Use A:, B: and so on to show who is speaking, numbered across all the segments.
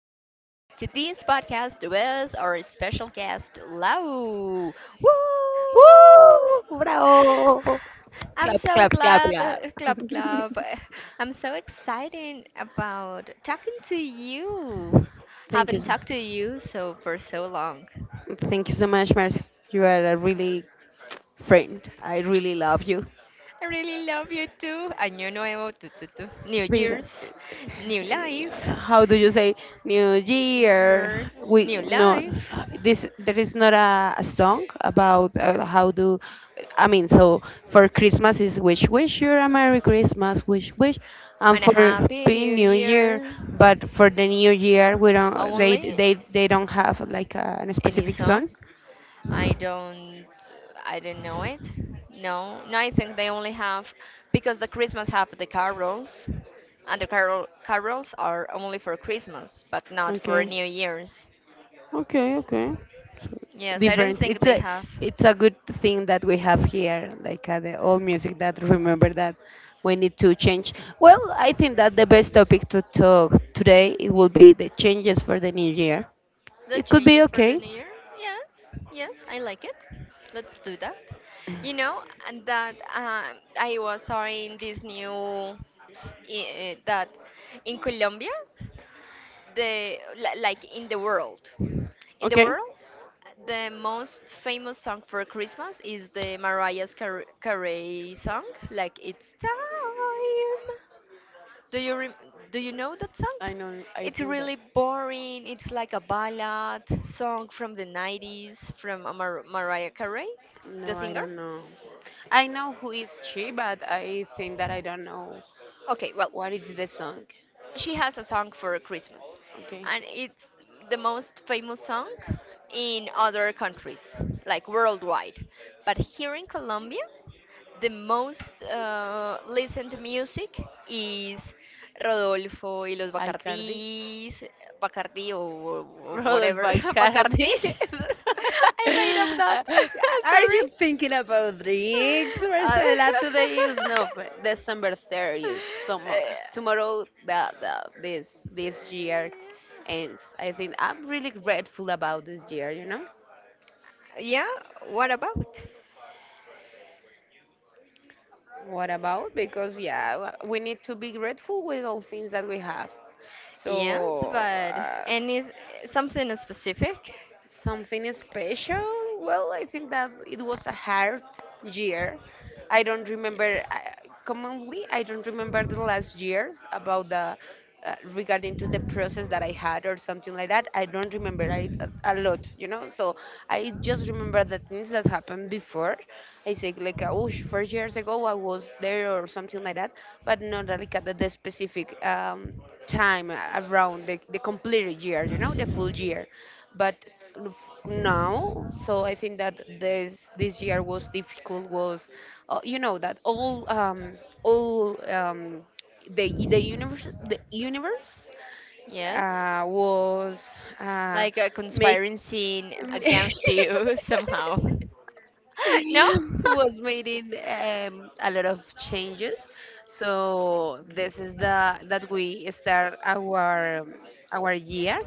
A: to this podcast with our special guest, Lau. Woo!
B: Woo! Bravo!
A: I'm
B: Clap,
A: so
B: clap, clap,
A: glad,
B: clap.
A: club club. I'm so excited about talking to you.
B: Thank you.
A: Haven't talked to you so for so long.
B: Thank you so much, Marcy. You are a really friend. I really love you.
A: I really love you too. Año nuevo, tu. New
B: With
A: Year's, new life,
B: how do you say New Year?
A: her
B: We
A: new
B: no,
A: life,
B: this there is not a song about how do. I mean, so for Christmas is wish you a Merry Christmas, and
A: and a
B: for
A: happy
B: being
A: new
B: New Year,
A: year.
B: but for the New Year we don't they
A: Only
B: they they don't have like a
A: any
B: specific song.
A: song. I don't, I don't know it. No, no. I think they only have because the Christmas have the carols, and the carols are only for Christmas, but not for
B: Okay.
A: New Year's.
B: Okay, okay. So
A: Yes, I don't
B: different.
A: think they have.
B: It's a good thing that we have here, like the old music that remember that we need to change. Well, I think that the best topic to talk today it will be the changes for the new year.
A: The
B: It could be
A: changes for the
B: okay.
A: new year? Yes, yes, I like it. Let's do that. You know and that I was in this new s- I- eh, that in Colombia, like in the
B: Okay.
A: world, the most famous song for Christmas is the Carey song, like it's time. Do you rem do you know that song?
B: I know. I
A: It's
B: think that.
A: really boring. It's like a ballad song from the 90s from Mariah Carey, the
B: No, I
A: singer.
B: don't know. I know who is she, but I think that I don't know
A: Okay, well,
B: what is the song.
A: she has a song for Christmas,
B: Okay.
A: and it's the most famous song in other countries, like worldwide. But here in Colombia, the most listened music is Rodolfo y los
B: Icardi.
A: Bacardís, Bacardí or
B: Rodolfo
A: whatever,
B: Icardi.
A: Bacardís. I made up that.
B: Are
A: Sorry.
B: you thinking about leagues,
A: Uh,
B: Marcela? Today is no December 30th. Tomorrow the this year ends. I think I'm really grateful about this year, you know?
A: yeah, what about?
B: What about? Because yeah, we need to be grateful with all things that we have.
A: Yes,
B: So
A: but
B: uh,
A: any something specific?
B: something special? Well, I think that it was a hard year. I don't remember
A: Yes.
B: commonly. I don't remember the last years about the regarding to the process that I had or something like that. I don't remember it a lot. So I just remember the things that happened before. I say like 4 years ago I was there or something like that, but not like at the specific time around the complete year, the full year. But f- now, so I think that this year was difficult, was you know that all the universe
A: Yes.
B: was uh
A: Like a
B: make
A: conspiracy against you somehow. No?
B: was making a lot of changes. So this is the that we start our year,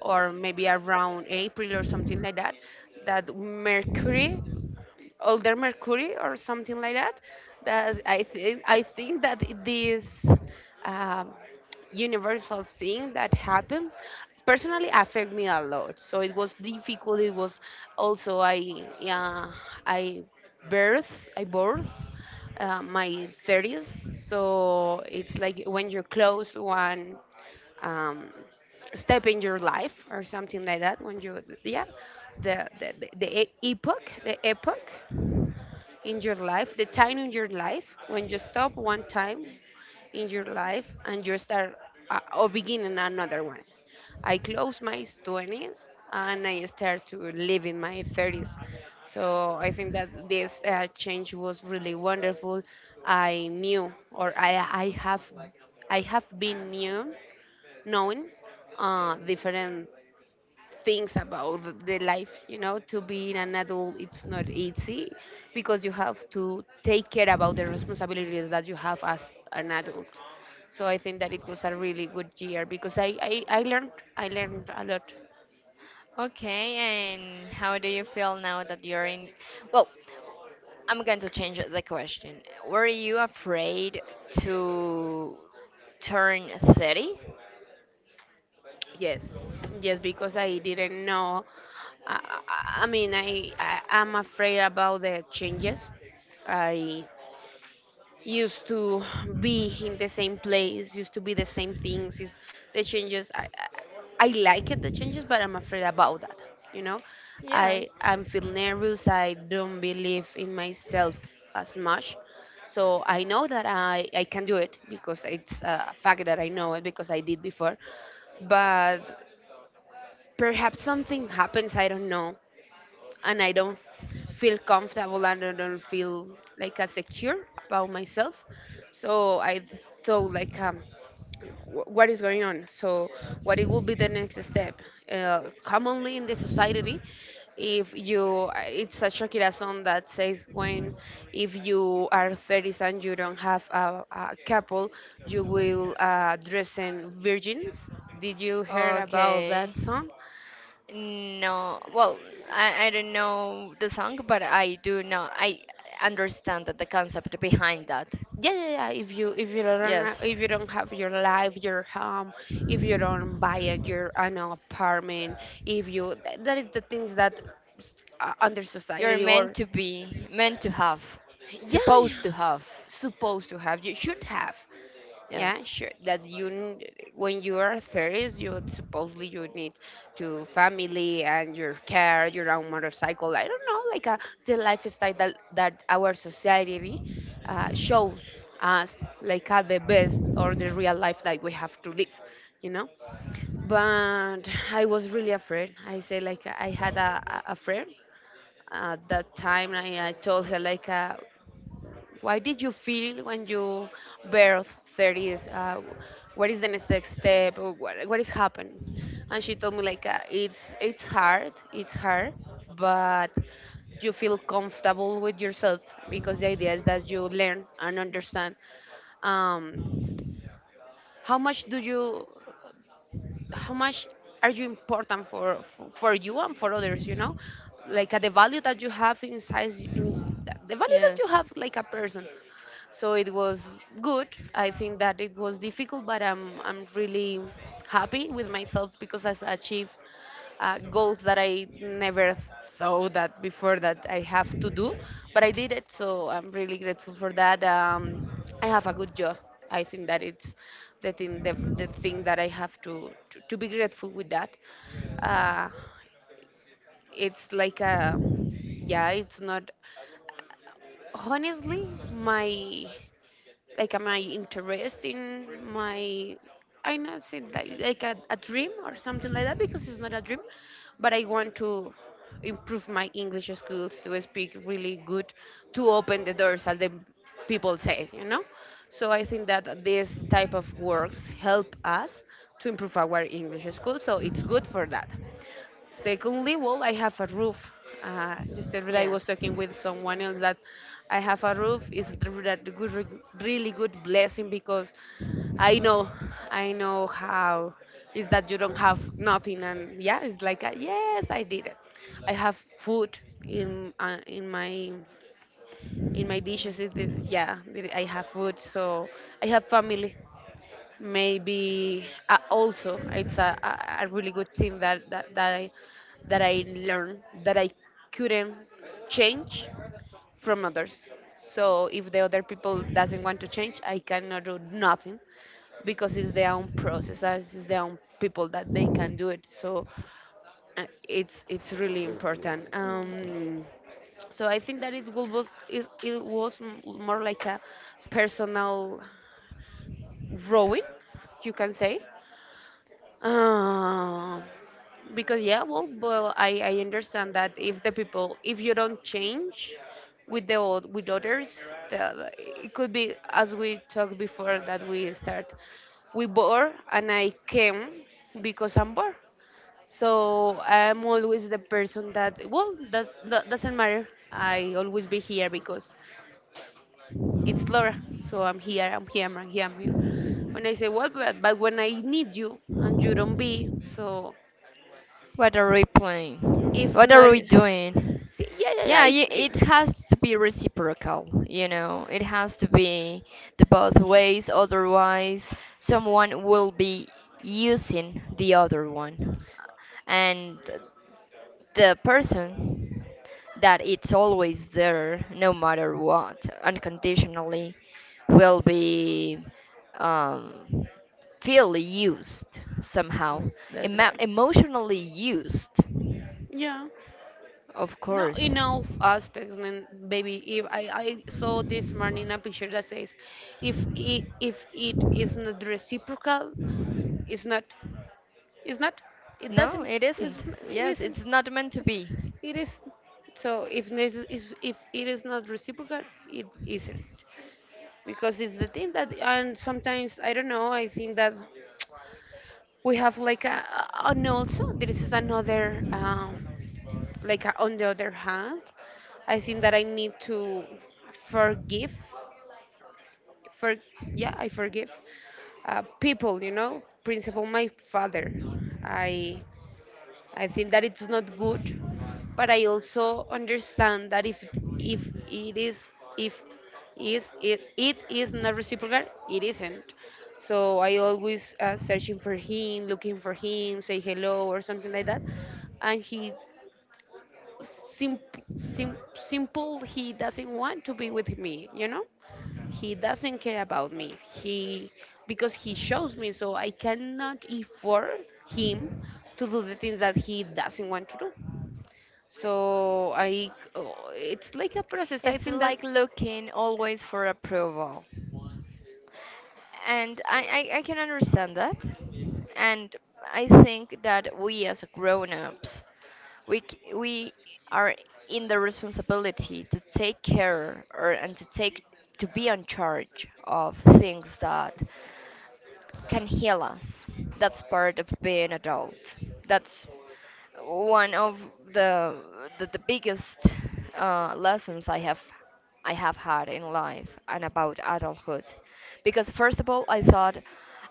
B: or maybe around April or something like that. That mercury older Mercury or something like that. That I think that this um, universal thing that happens personally affect me a lot. So it was difficult. It was also I, yeah, I birth I birth, my thirties. So it's like when you close one, um, step in your life or something like that. When you, yeah, the epoch in your life, the time in your life when you stop one time in your life and you start, or begin in another one. I close my 20s and I start to live in my 30s. So I think that this change was really wonderful. I knew or I have been new knowing different things about the life to being an adult. It's not easy because you have to take care about the responsibilities that you have as an adult. So I think that it was a really good year because I learned a lot.
A: Okay, and how do you feel now that you're in? Well, I'm going to change the question. Were you afraid to turn 30?
B: Yes, yes, because I didn't know. I mean, I'm afraid about the changes. I used to be in the same place, used to be the same things. Used, the changes, I like it, the changes, but I'm afraid about that. You know, I
A: Yes.
B: I'm feel nervous. I don't believe in myself as much. So I know that I can do it because it's a fact that I know it because I did before. But perhaps something happens, I don't know, and I don't feel comfortable and I don't feel like as secure about myself. So I thought like, what is going on? So what it would be the next step? Commonly, in the society, if you it's a Shakira song that says, when if you are 30s and you don't have a couple, you will, dress in virgins. Did you hear about
A: Okay.
B: that song?
A: No. Well, I don't know the song, but I do know. I understand that the concept behind that.
B: Yeah, yeah, yeah, if you if you don't
A: Yes.
B: if you don't have your life, your home, if you don't buy a your an apartment. If you that is the things that, under
A: You're
B: society,
A: meant
B: or
A: to be, meant to have,
B: yeah, yeah,
A: supposed to have.
B: supposed to have, you should have, yeah,
A: Yes.
B: sure. That you, when you are 30s, you, supposedly, you need to family and your car, your own motorcycle. I don't know, like a, the lifestyle that our society, shows us like, the best or the real life that we have to live, you know. But I was really afraid. I say like I had a friend at that time. I told her like, why did you feel when you birth 30s? What is the next step? Or what is happened? And she told me like, it's hard, it's hard, but you feel comfortable with yourself because the idea is that you learn and understand, um, how much do you how much are you important, for you and for others, like, the value that you have inside. ins- the value that
A: Yes,
B: you have like a person. So it was good. I think that it was difficult, but I'm really happy with myself because I achieved, goals that I never thought that before that I have to do, but I did it. So I'm really grateful for that. I have a good job. I think that it's the thing that I have to be grateful with that. uh, it's like a, yeah, it's not, honestly, my, like, am I interested in my, I not saying that like a dream or something like that, because it's not a dream. But I want to improve my English skills to speak really good, to open the doors, as the people say. So I think that this type of works help us to improve our English skills, so it's good for that. Secondly, well, I have a roof. Just yesterday I was
A: yes.
B: talking with someone else that I have a roof is a good, really good blessing because I know, I know how is that you don't have nothing, and yeah, it's like yes, I did it. I have food in, in my dishes. It is, yeah, I have food. So I have family. Maybe, also, it's a really good thing that, that I learned that I couldn't change from others. So if the other people doesn't want to change, I cannot do nothing because it's their own process, as it's their own people that they can do it. So, it's really important. So I think that it will was it was, more like a personal growing, you can say. Um, because yeah, well, I understand that if the people, if you don't change with the old, with others, it could be, as we talked before, that we start. We bored, and I came because I'm bored. So I'm always the person that, well, that doesn't matter. I always be here because it's Laura. So I'm here, I'm here, I'm here, I'm here. When I say, well, but when I need you and you don't be, so,
A: What are we playing?
B: if
A: What
B: not.
A: are we doing?
B: See, yeah, yeah, yeah.
A: Yeah, you,
B: If,
A: it has to be reciprocal, you know. It has to be the both ways, otherwise, someone will be using the other one. And the person that it's always there, no matter what, unconditionally, will be um, feel used somehow.
B: mm, that's right.
A: Emotionally used.
B: Yeah.
A: Of
B: No,
A: course.
B: in all aspects, and baby, if I saw this morning a picture that says, if it is not reciprocal, it's not, it's not, it
A: No,
B: doesn't,
A: it isn't.
B: it
A: Yes,
B: isn't,
A: it's not meant to be.
B: it is. So if it is not reciprocal, it isn't, because it's the thing that, and sometimes I don't know, I think that we have like no, also this is another. Like, on the other hand, I think that I need to forgive for, yeah, I forgive, people, principal my father. I i think that it's not good, but I also understand that if, it is, if is it, it is not reciprocal, it isn't. So I always, searching for him, looking for him, say hello or something like that, and he, simple, he doesn't want to be with me. He doesn't care about me. He Because he shows me, so I cannot afford him to do the things that he doesn't want to do. So I oh, it's like a process, I
A: It's
B: think that.
A: like looking always for approval. And I can understand that. And I think that we as grown-ups, we are in the responsibility to take care or and to take to be in charge of things that can heal us. That's part of being adult. That's one of the the biggest lessons I have had in life and about adulthood. Because first of all, I thought.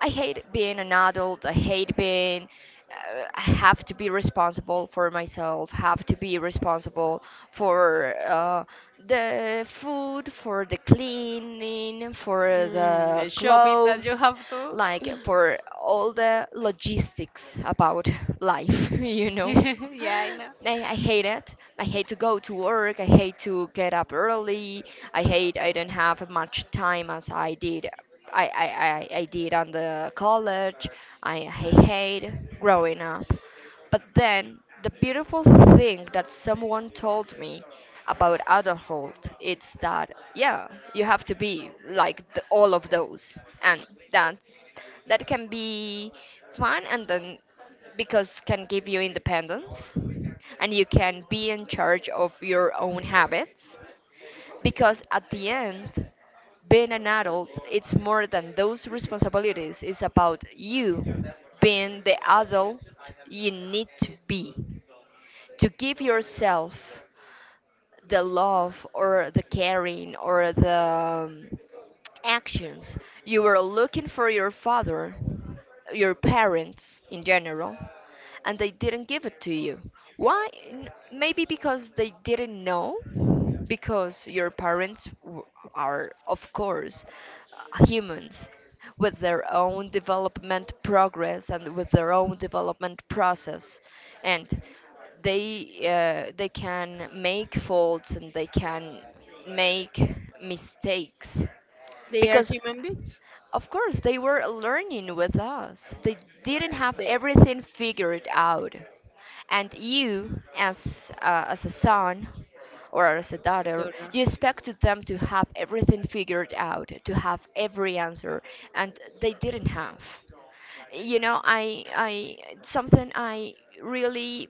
A: I hate being an adult. I hate being. I have to be responsible for myself. Have to be responsible for the food, for the cleaning, for
B: Mm, the
A: the
B: shopping that you
A: clothes,
B: have to.
A: like for all the logistics about life. You know.
B: Yeah, I know.
A: I hate it. I hate to go to work. I hate to get up early. I hate I don't have much time as I did. I did on the college. I hate growing up. But then the beautiful thing that someone told me about adulthood it's that yeah you have to be like the, all of those and that's that can be fun and then because can give you independence and you can be in charge of your own habits because at the end being an adult it's more than those responsibilities it's about you being the adult you need to be to give yourself the love or the caring or the actions you were looking for your father your parents in general and they didn't give it to you why maybe because they didn't know because your parents are of course humans with their own development progress and with their own development process and they can make faults and they can make mistakes
B: They are
A: because
B: human beings.
A: of course they were learning with us they didn't have
B: The
A: everything figured out and you as a son or as a daughter
B: daughter.
A: you expected them to have everything figured out to have every answer and they didn't have you know i something I really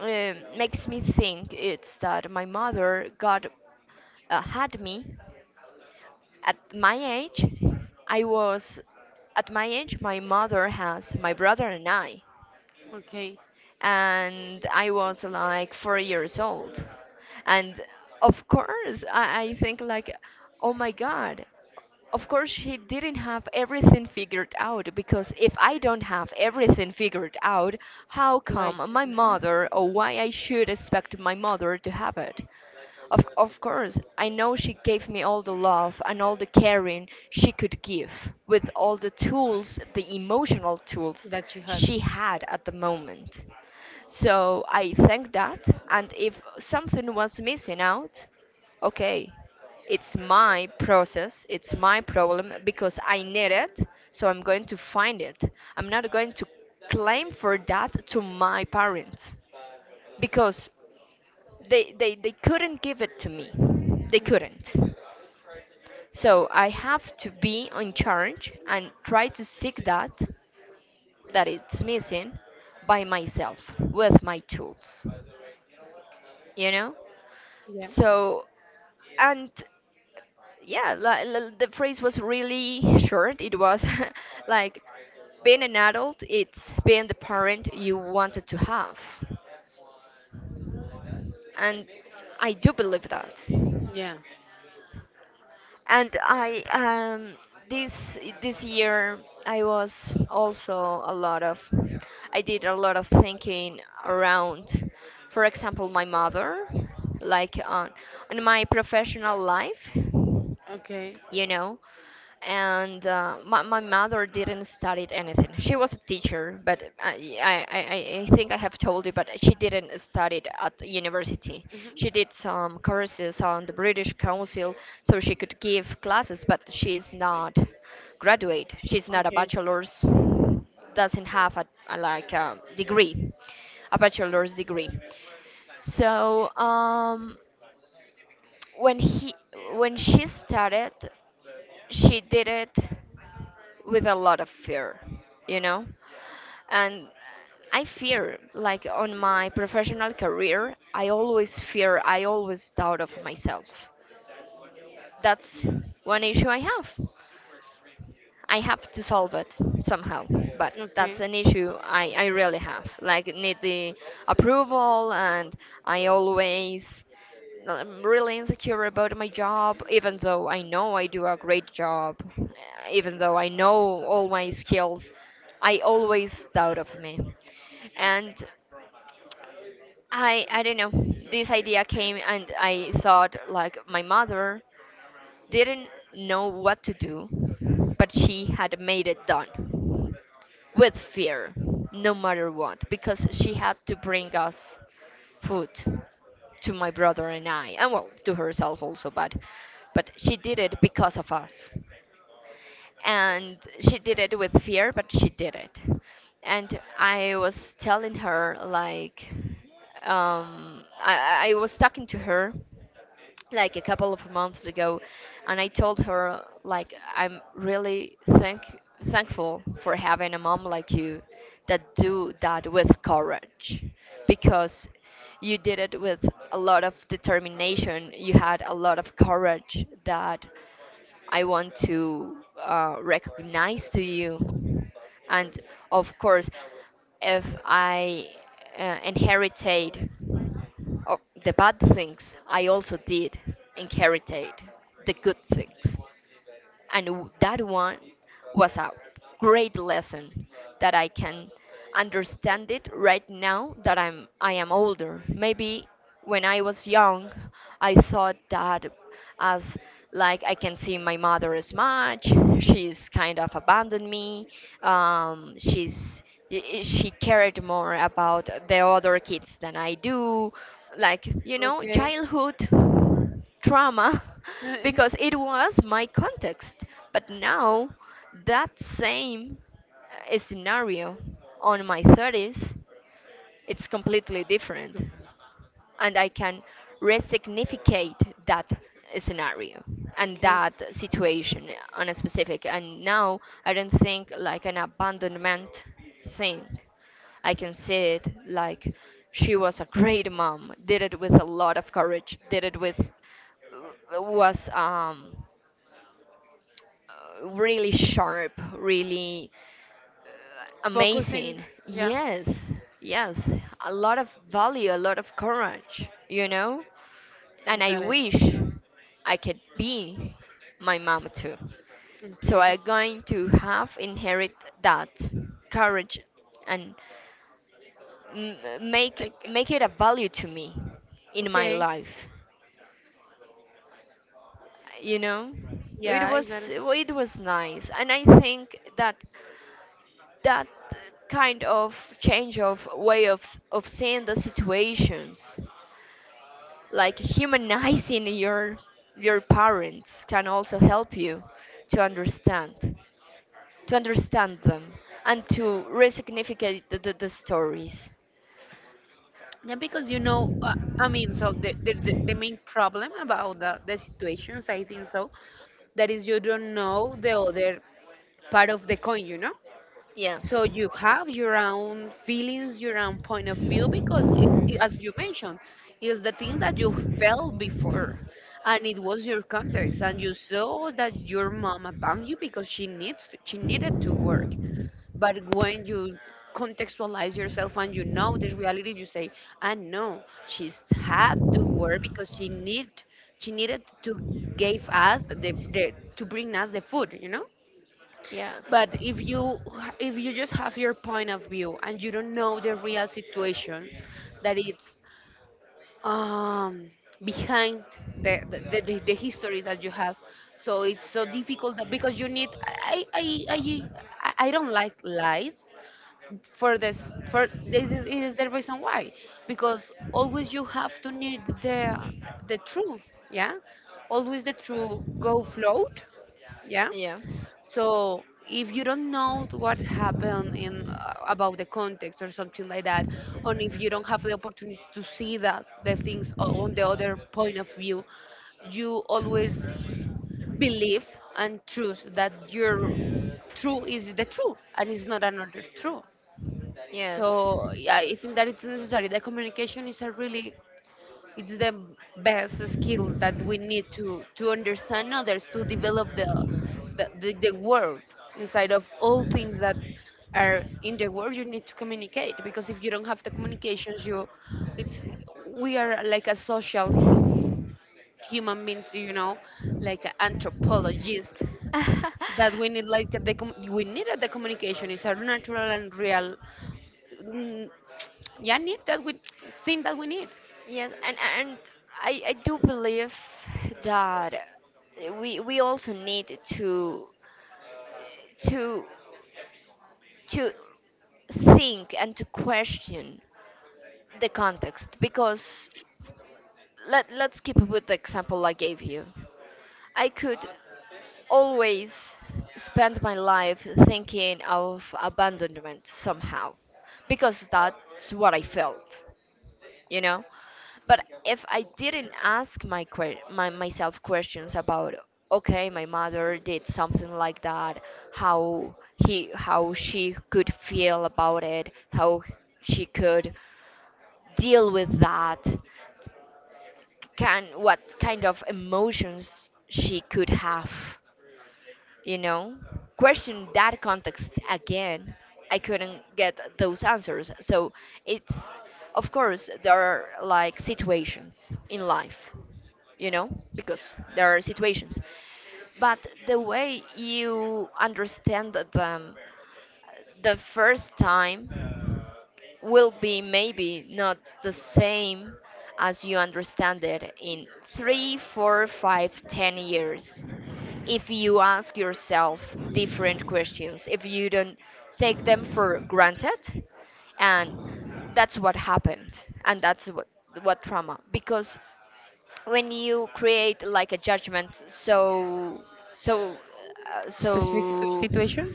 A: makes me think it's that my mother got had me at my age I was at my age my mother has my brother
B: Okay.
A: and I was like 4 years old. And of course, I think like, oh my God, of course she didn't have everything figured out because if I don't have everything figured out, how come
B: Why?
A: my
B: Mhm.
A: mother or why I should expect my mother to have it? Of course, I know she gave me all the love and all the caring she could give, with all the tools, the emotional tools
B: That she had.
A: she had at the moment. So I thank that, and if something was missing out, okay, it's my process, it's my problem because I need it, so I'm going to find it. I'm not going to claim for that to my parents because they they couldn't give it to me they
B: Mhm.
A: couldn't so I have to be in charge and try to seek that that it's missing by myself with my tools you know
B: Yeah,
A: so and yeah the phrase was really short it was like being an adult it's being the parent you wanted to have and I do believe that
B: yeah.
A: and I this this year I was also a lot of I did a lot of thinking around for example my mother like on my professional life
B: Okay.
A: you know and my mother didn't study anything she was a teacher but I think I have told you but she didn't study at university
B: Mhm.
A: she did some courses on the british council so she could give classes but she's not graduate she's not a
B: Okay.
A: bachelor's doesn't have a like a degree a bachelor's degree so when he when she started, she did it with a lot of fear, you know? And I fear, like on my professional career, I always fear, I always doubt of myself. That's one issue I have. I have to solve it somehow. But that's
B: Okay.
A: an issue I really have. Like need the approval, and I always I'm really insecure about my job, even though I know I do a great job, even though I know all my skills. I always doubt of me, and I don't know. This idea came and I thought like my mother didn't know what to do, but she had made it done with fear, no matter what, because she had to bring us food to my brother and I, and well, to herself also, but she did it because of us and she did it with fear but she did it and I was telling her like I was talking to her like a couple of months ago and I told her like I'm really thankful for having a mom like you that do that with courage because you did it with a lot of determination you had a lot of courage that I want to recognize to you. And of course, if I inherited of the bad things, I also did inheritate the good things and that one was a great lesson that I can understand it right now that I am older. Maybe when I was young, I thought that as like I can see my mother as much. She's kind of abandoned me. She's she cared more about the other kids than I do. Like you know,
B: Okay.
A: childhood trauma because it was my context. But now, that same scenario on my 30s, it's completely different. And I can resignificate that scenario and
B: Okay.
A: that situation on a specific. And now I don't think like an abandonment thing. I can say it like she was a great mom, did it with a lot of courage, did it with was really sharp, really
B: Focusing.
A: amazing.
B: Yeah.
A: Yes, yes, a lot of value, a lot of courage, you know?
B: I
A: And I
B: got it.
A: wish I could be my mom too. So
B: Okay.
A: I'm going to have inherit that courage and make
B: Like.
A: make it a value to me in my
B: Okay.
A: life you know it
B: Yeah, I got
A: was
B: it.
A: well, it was nice and I think that that kind of change of way of of seeing the situations like humanizing your parents can also help you to understand to understand them and to resignificate the stories
B: Yeah, because so the main problem about the situations, I think so, that is you don't know the other part of the coin, you know. So
A: yes.
B: you have your own feelings, your own point of view, because as you mentioned, is the thing that you felt before, and it was your context, and you saw that your mom abandoned you because she needed to work. But when you contextualize yourself and you know the reality, you say, "I know she's had to work because she needed to give us the to bring us the food," you know.
A: Yes.
B: But if you just have your point of view and you don't know the real situation that it's um, behind the history that you have, so it's so difficult that because you need I I I I don't like lies for this for this is it is the reason why because always you have to need the truth, yeah, always the truth go float, yeah.
A: Yeah.
B: So if you don't know what happened in about the context or something like that, and if you don't have the opportunity to see that the things on the other point of view, you always believe and trust that your true is the true and it's not another true.
A: Yes.
B: So yeah, I think that it's necessary. The communication is a really it's the best skill that we need to understand others, to develop the world inside of all things that are in the world, you need to communicate because if you don't have the communications you it's we are like a social human beings, you know, like an anthropologist that we need the communication. It's a natural and real mm, yeah need that we think that we need
A: Yes, and I do believe that we also need to to think and to question the context because let's keep with the example I gave you. I could always spend my life thinking of abandonment somehow because that's what I felt, you know? But if I didn't ask my, que- my myself questions about, okay, my mother did something like that, how she could feel about it, how she could deal with that, can what kind of emotions she could have, you know? Question that context again. I couldn't get those answers. So it's, of course, there are, like, situations in life, you know, because there are situations. But the way you understand them the first time will be, maybe, not the same as you understand it in 3, 4, 5, 10 years, if you ask yourself different questions, if you don't take them for granted. And that's what happened, and that's what trauma. Because when you create, like, a judgment, so uh,
B: specific to
A: so
B: situation.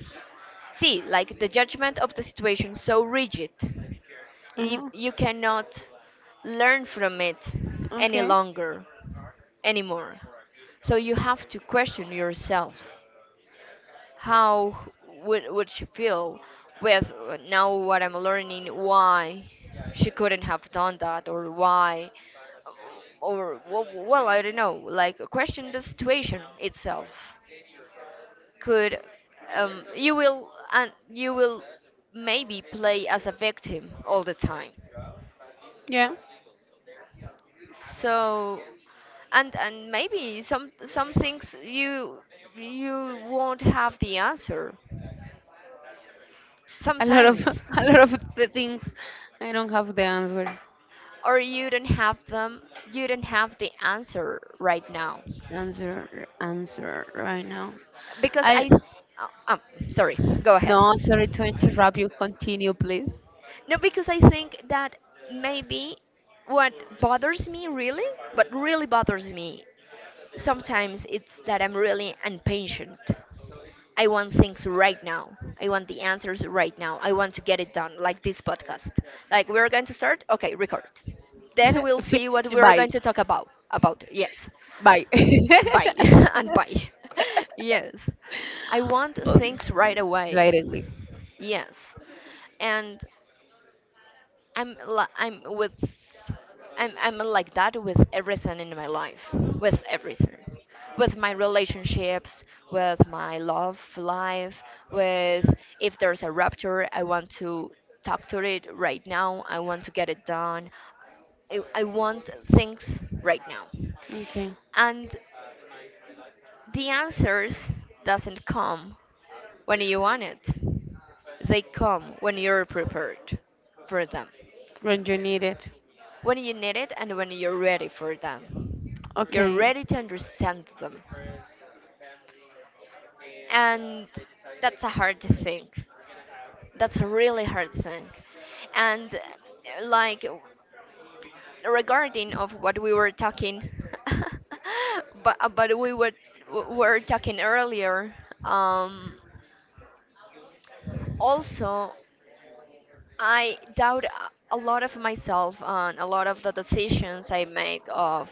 A: see, like, the judgment of the situation so rigid, if
B: Uh-huh.
A: you cannot learn from it any
B: Okay.
A: longer, anymore, so you have to question yourself. How would she feel with, now, what I'm learning, why she couldn't have done that, or why, or well, I don't know, like, question the situation itself. Could You will, maybe, play as a victim all the time.
B: Yeah.
A: So, and maybe some things you won't have the answer
B: A lot of
A: sometimes,
B: a lot of the things I don't have the answer
A: or you don't have them. You don't have the answer right now,
B: right now.
A: because
B: I
A: I. Oh, sorry. Go ahead.
B: No, sorry to interrupt you. Continue, please.
A: No, because I think that, maybe, what bothers me, really, what really bothers me sometimes, it's that I'm really impatient. I want things right now. I want the answers right now. I want to get it done, like this podcast. Like, we're going to start, okay, record. Then we'll see what
B: Finish.
A: we're
B: Bye.
A: going to talk about. About, yes,
B: Bye.
A: bye and bye. Yes, I want
B: Oh,
A: things right away.
B: directly.
A: Yes, and I'm li- I'm with I'm like that with everything in my life, with everything, with my relationships, with my love life, with if there's a rupture, I want to talk to it right now. I want to get it done. I want things right now,
B: Okay.
A: and the answers doesn't come when you want it. They come when you're prepared for them,
B: When you need it.
A: when you need it, and when you're ready for them. You're
B: Okay.
A: ready to understand them. And that's a hard thing. That's a really hard thing. And, like, regarding of what we were talking, but we were talking earlier, um also, I doubt a lot of myself on a lot of the decisions I make of,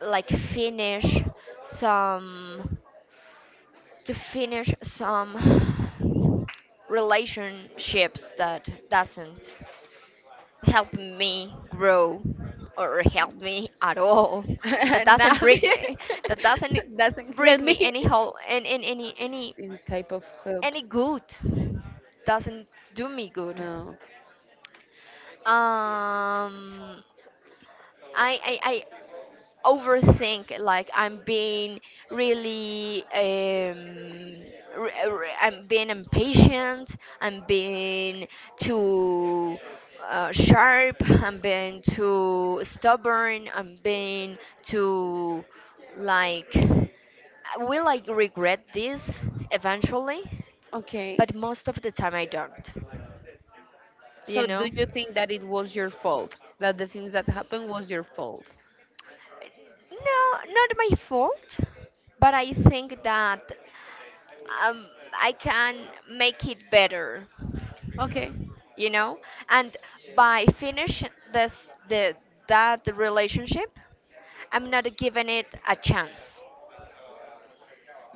A: like, finish some to finish some relationships that doesn't help me grow, or help me at all, that doesn't
B: Nothing.
A: bring that doesn't
B: Doesn't
A: bring
B: help
A: me
B: me.
A: any whole and any any any
B: In type of help.
A: any good, doesn't do me good.
B: No.
A: um I, I, I overthink, like, I'm being really, I'm being impatient, I'm being too, sharp, I'm being too stubborn, I'm being too, like, will I regret this eventually?
B: Okay.
A: But most of the time I don't you
B: So do
A: know
B: you think that it was your fault? That the things that happened was your fault?
A: No, not my fault, but I think that, um, I can make it better,
B: Okay.
A: you know? And by finishing this the that relationship, I'm not giving it a chance,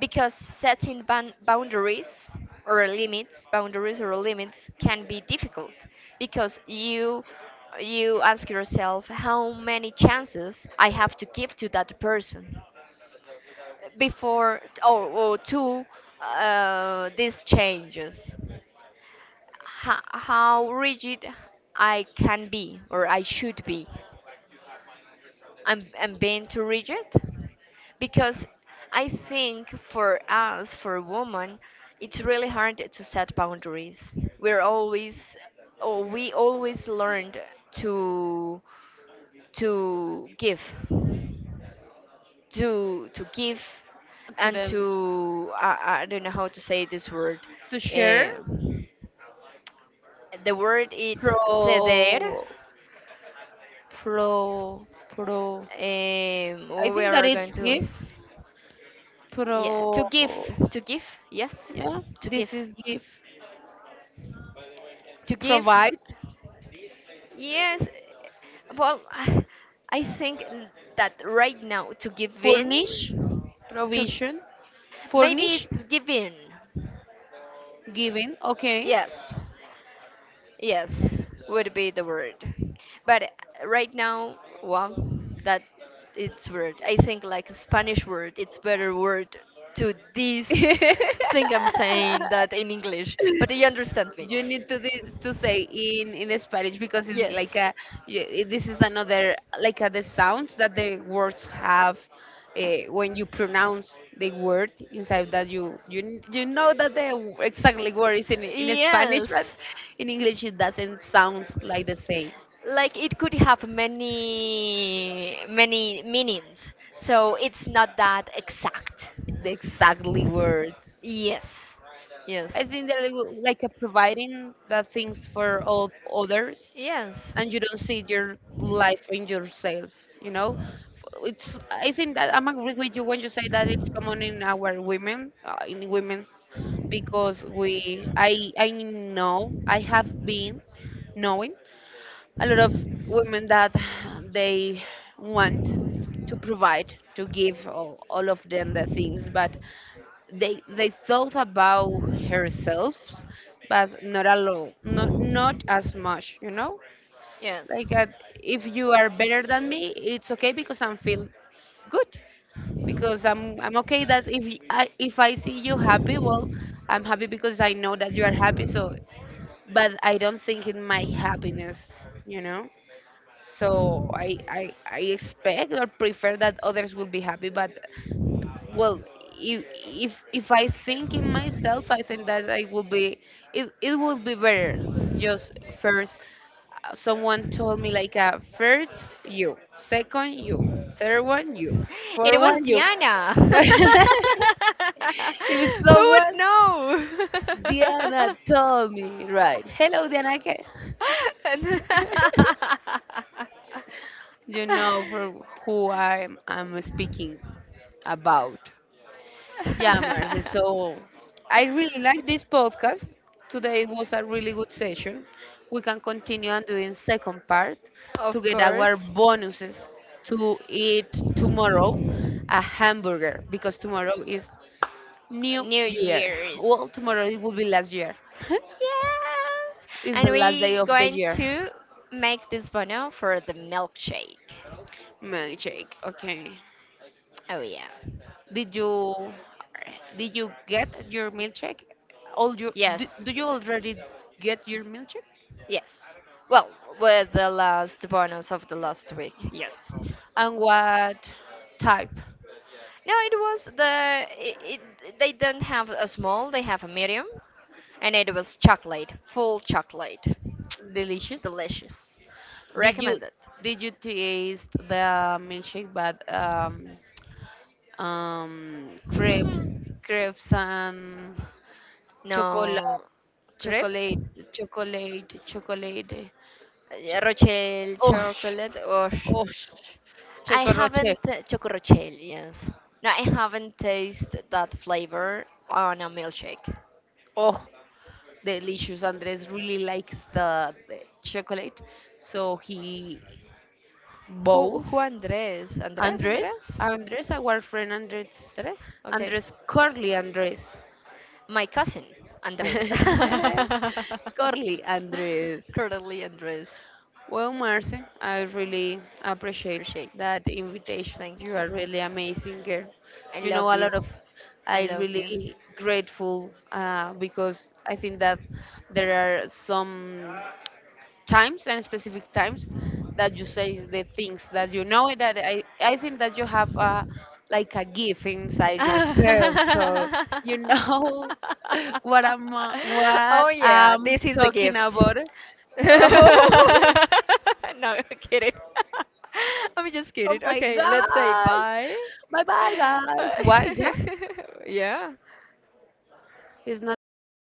A: because setting boundaries or limits, can be difficult, because you ask yourself how many chances I have to give to that person before, or to, these changes, how rigid I can be or I should be. I'm being too rigid, because I think for us, for women, it's really hard to set boundaries. We're always, or we always learned to give, to give,
B: To
A: and
B: them
A: I don't know how to say this word.
B: to share.
A: Eh, the word is
B: pro
A: ceder.
B: pro pro I
A: We
B: think that
A: are going
B: it's
A: to.
B: give,
A: Yeah, to give,
B: pro
A: to give, yes,
B: yeah,
A: to give,
B: this is give,
A: to give,
B: provide,
A: yes. Well, I think that, right now, to give in
B: furnish,
A: to,
B: provision,
A: maybe,
B: furnish,
A: it's giving.
B: giving, okay.
A: Yes, yes, would be the word. But right now, well, that, it's word, I think, like, Spanish word, it's better word to this thing I'm saying that in English, but you understand me.
B: You need to this to say in Spanish because it's like
A: Yes.
B: a this is another like the sounds that the words have when you pronounce the word inside that you know that the exactly word is in Spanish
A: Yes.
B: but in English it doesn't sound like the same,
A: Like, it could have many, many meanings. So it's not that exact.
B: the exactly word.
A: Yes. Yes.
B: I think they're like like, providing the things for all others,
A: Yes.
B: and you don't see your life in yourself. You know, it's. I think that I'm agree with you when you say that it's common in our women, in women, because we. I know I have been knowing a lot of women that they want to provide to give all of them the things but they thought about herself but not a lot not not as much, you know,
A: Yes.
B: like if you are better than me it's okay because I'm feel good because I'm okay that if I see you happy, well I'm happy because I know that you are happy, so but I don't think in my happiness, you know. So I expect or prefer that others will be happy but well if I think in myself I think that I will be it would be better, just first, someone told me like first you, second you, third one you,
A: It
B: fourth
A: was
B: one you.
A: Diana.
B: But
A: Who
B: if
A: would
B: someone,
A: know?
B: Diana told me, right? Hello Diana, okay?
A: And-
B: You know for who I'm speaking about. Yeah, Marce. So I really like this podcast. Today was a really good session. We can continue and doing second part to
A: Of
B: get our
A: course.
B: bonuses to eat tomorrow a hamburger because tomorrow is New
A: New
B: Year.
A: Year's.
B: Well, tomorrow it will be last year.
A: Yes,
B: It's the
A: and
B: last day
A: we
B: of the
A: going
B: year.
A: to make this bono for the milkshake.
B: Milkshake. Okay.
A: Oh yeah.
B: Did you did you get your milkshake? All you do,
A: Yes.
B: do you already get your milkshake?
A: Yes. Well, with the last bonus of the last week. Yes. No,
B: And what type?
A: it was they don't have a small, they have a medium, and it was chocolate, full chocolate.
B: Delicious.
A: Delicious.
B: Did you
A: Recommended.
B: did you taste the milkshake but crepes, crepes and chocolate,
A: No, crepes?
B: chocolate chocolate chocolate ch-
A: Rochelle
B: oh,
A: chocolate, or
B: oh,
A: I
B: choco roche.
A: haven't, Choco Rochelle, yes. No, I haven't tasted that flavor on a milkshake.
B: Oh, delicious. Andres really likes the chocolate, so he
A: Who,
B: both.
A: Andres? Andres?
B: Andres,
A: Andres?
B: Andres, our friend Andres,
A: Andres? Okay.
B: Andres Corley, Andres
A: My cousin, Andres.
B: Corley, Andres.
A: Currently Andres.
B: Well, Marce, I really appreciate
A: Appreciate.
B: that invitation.
A: Thank
B: You
A: you.
B: are really amazing girl.
A: I
B: You know
A: love
B: a
A: you.
B: lot of.
A: I
B: I
A: love you.
B: really grateful because I think that there are some. Times and specific times that you say the things that you know that I think that you have a like a gift inside yourself, so you know what
A: Oh yeah,
B: I'm
A: this is the
B: talking
A: gift. No,
B: about. Oh,
A: I'm kidding. I'm just
B: oh
A: kidding.
B: my
A: Okay, let's say
B: gosh,
A: bye.
B: bye bye guys, why, yeah,
A: Yeah.
B: he's not 30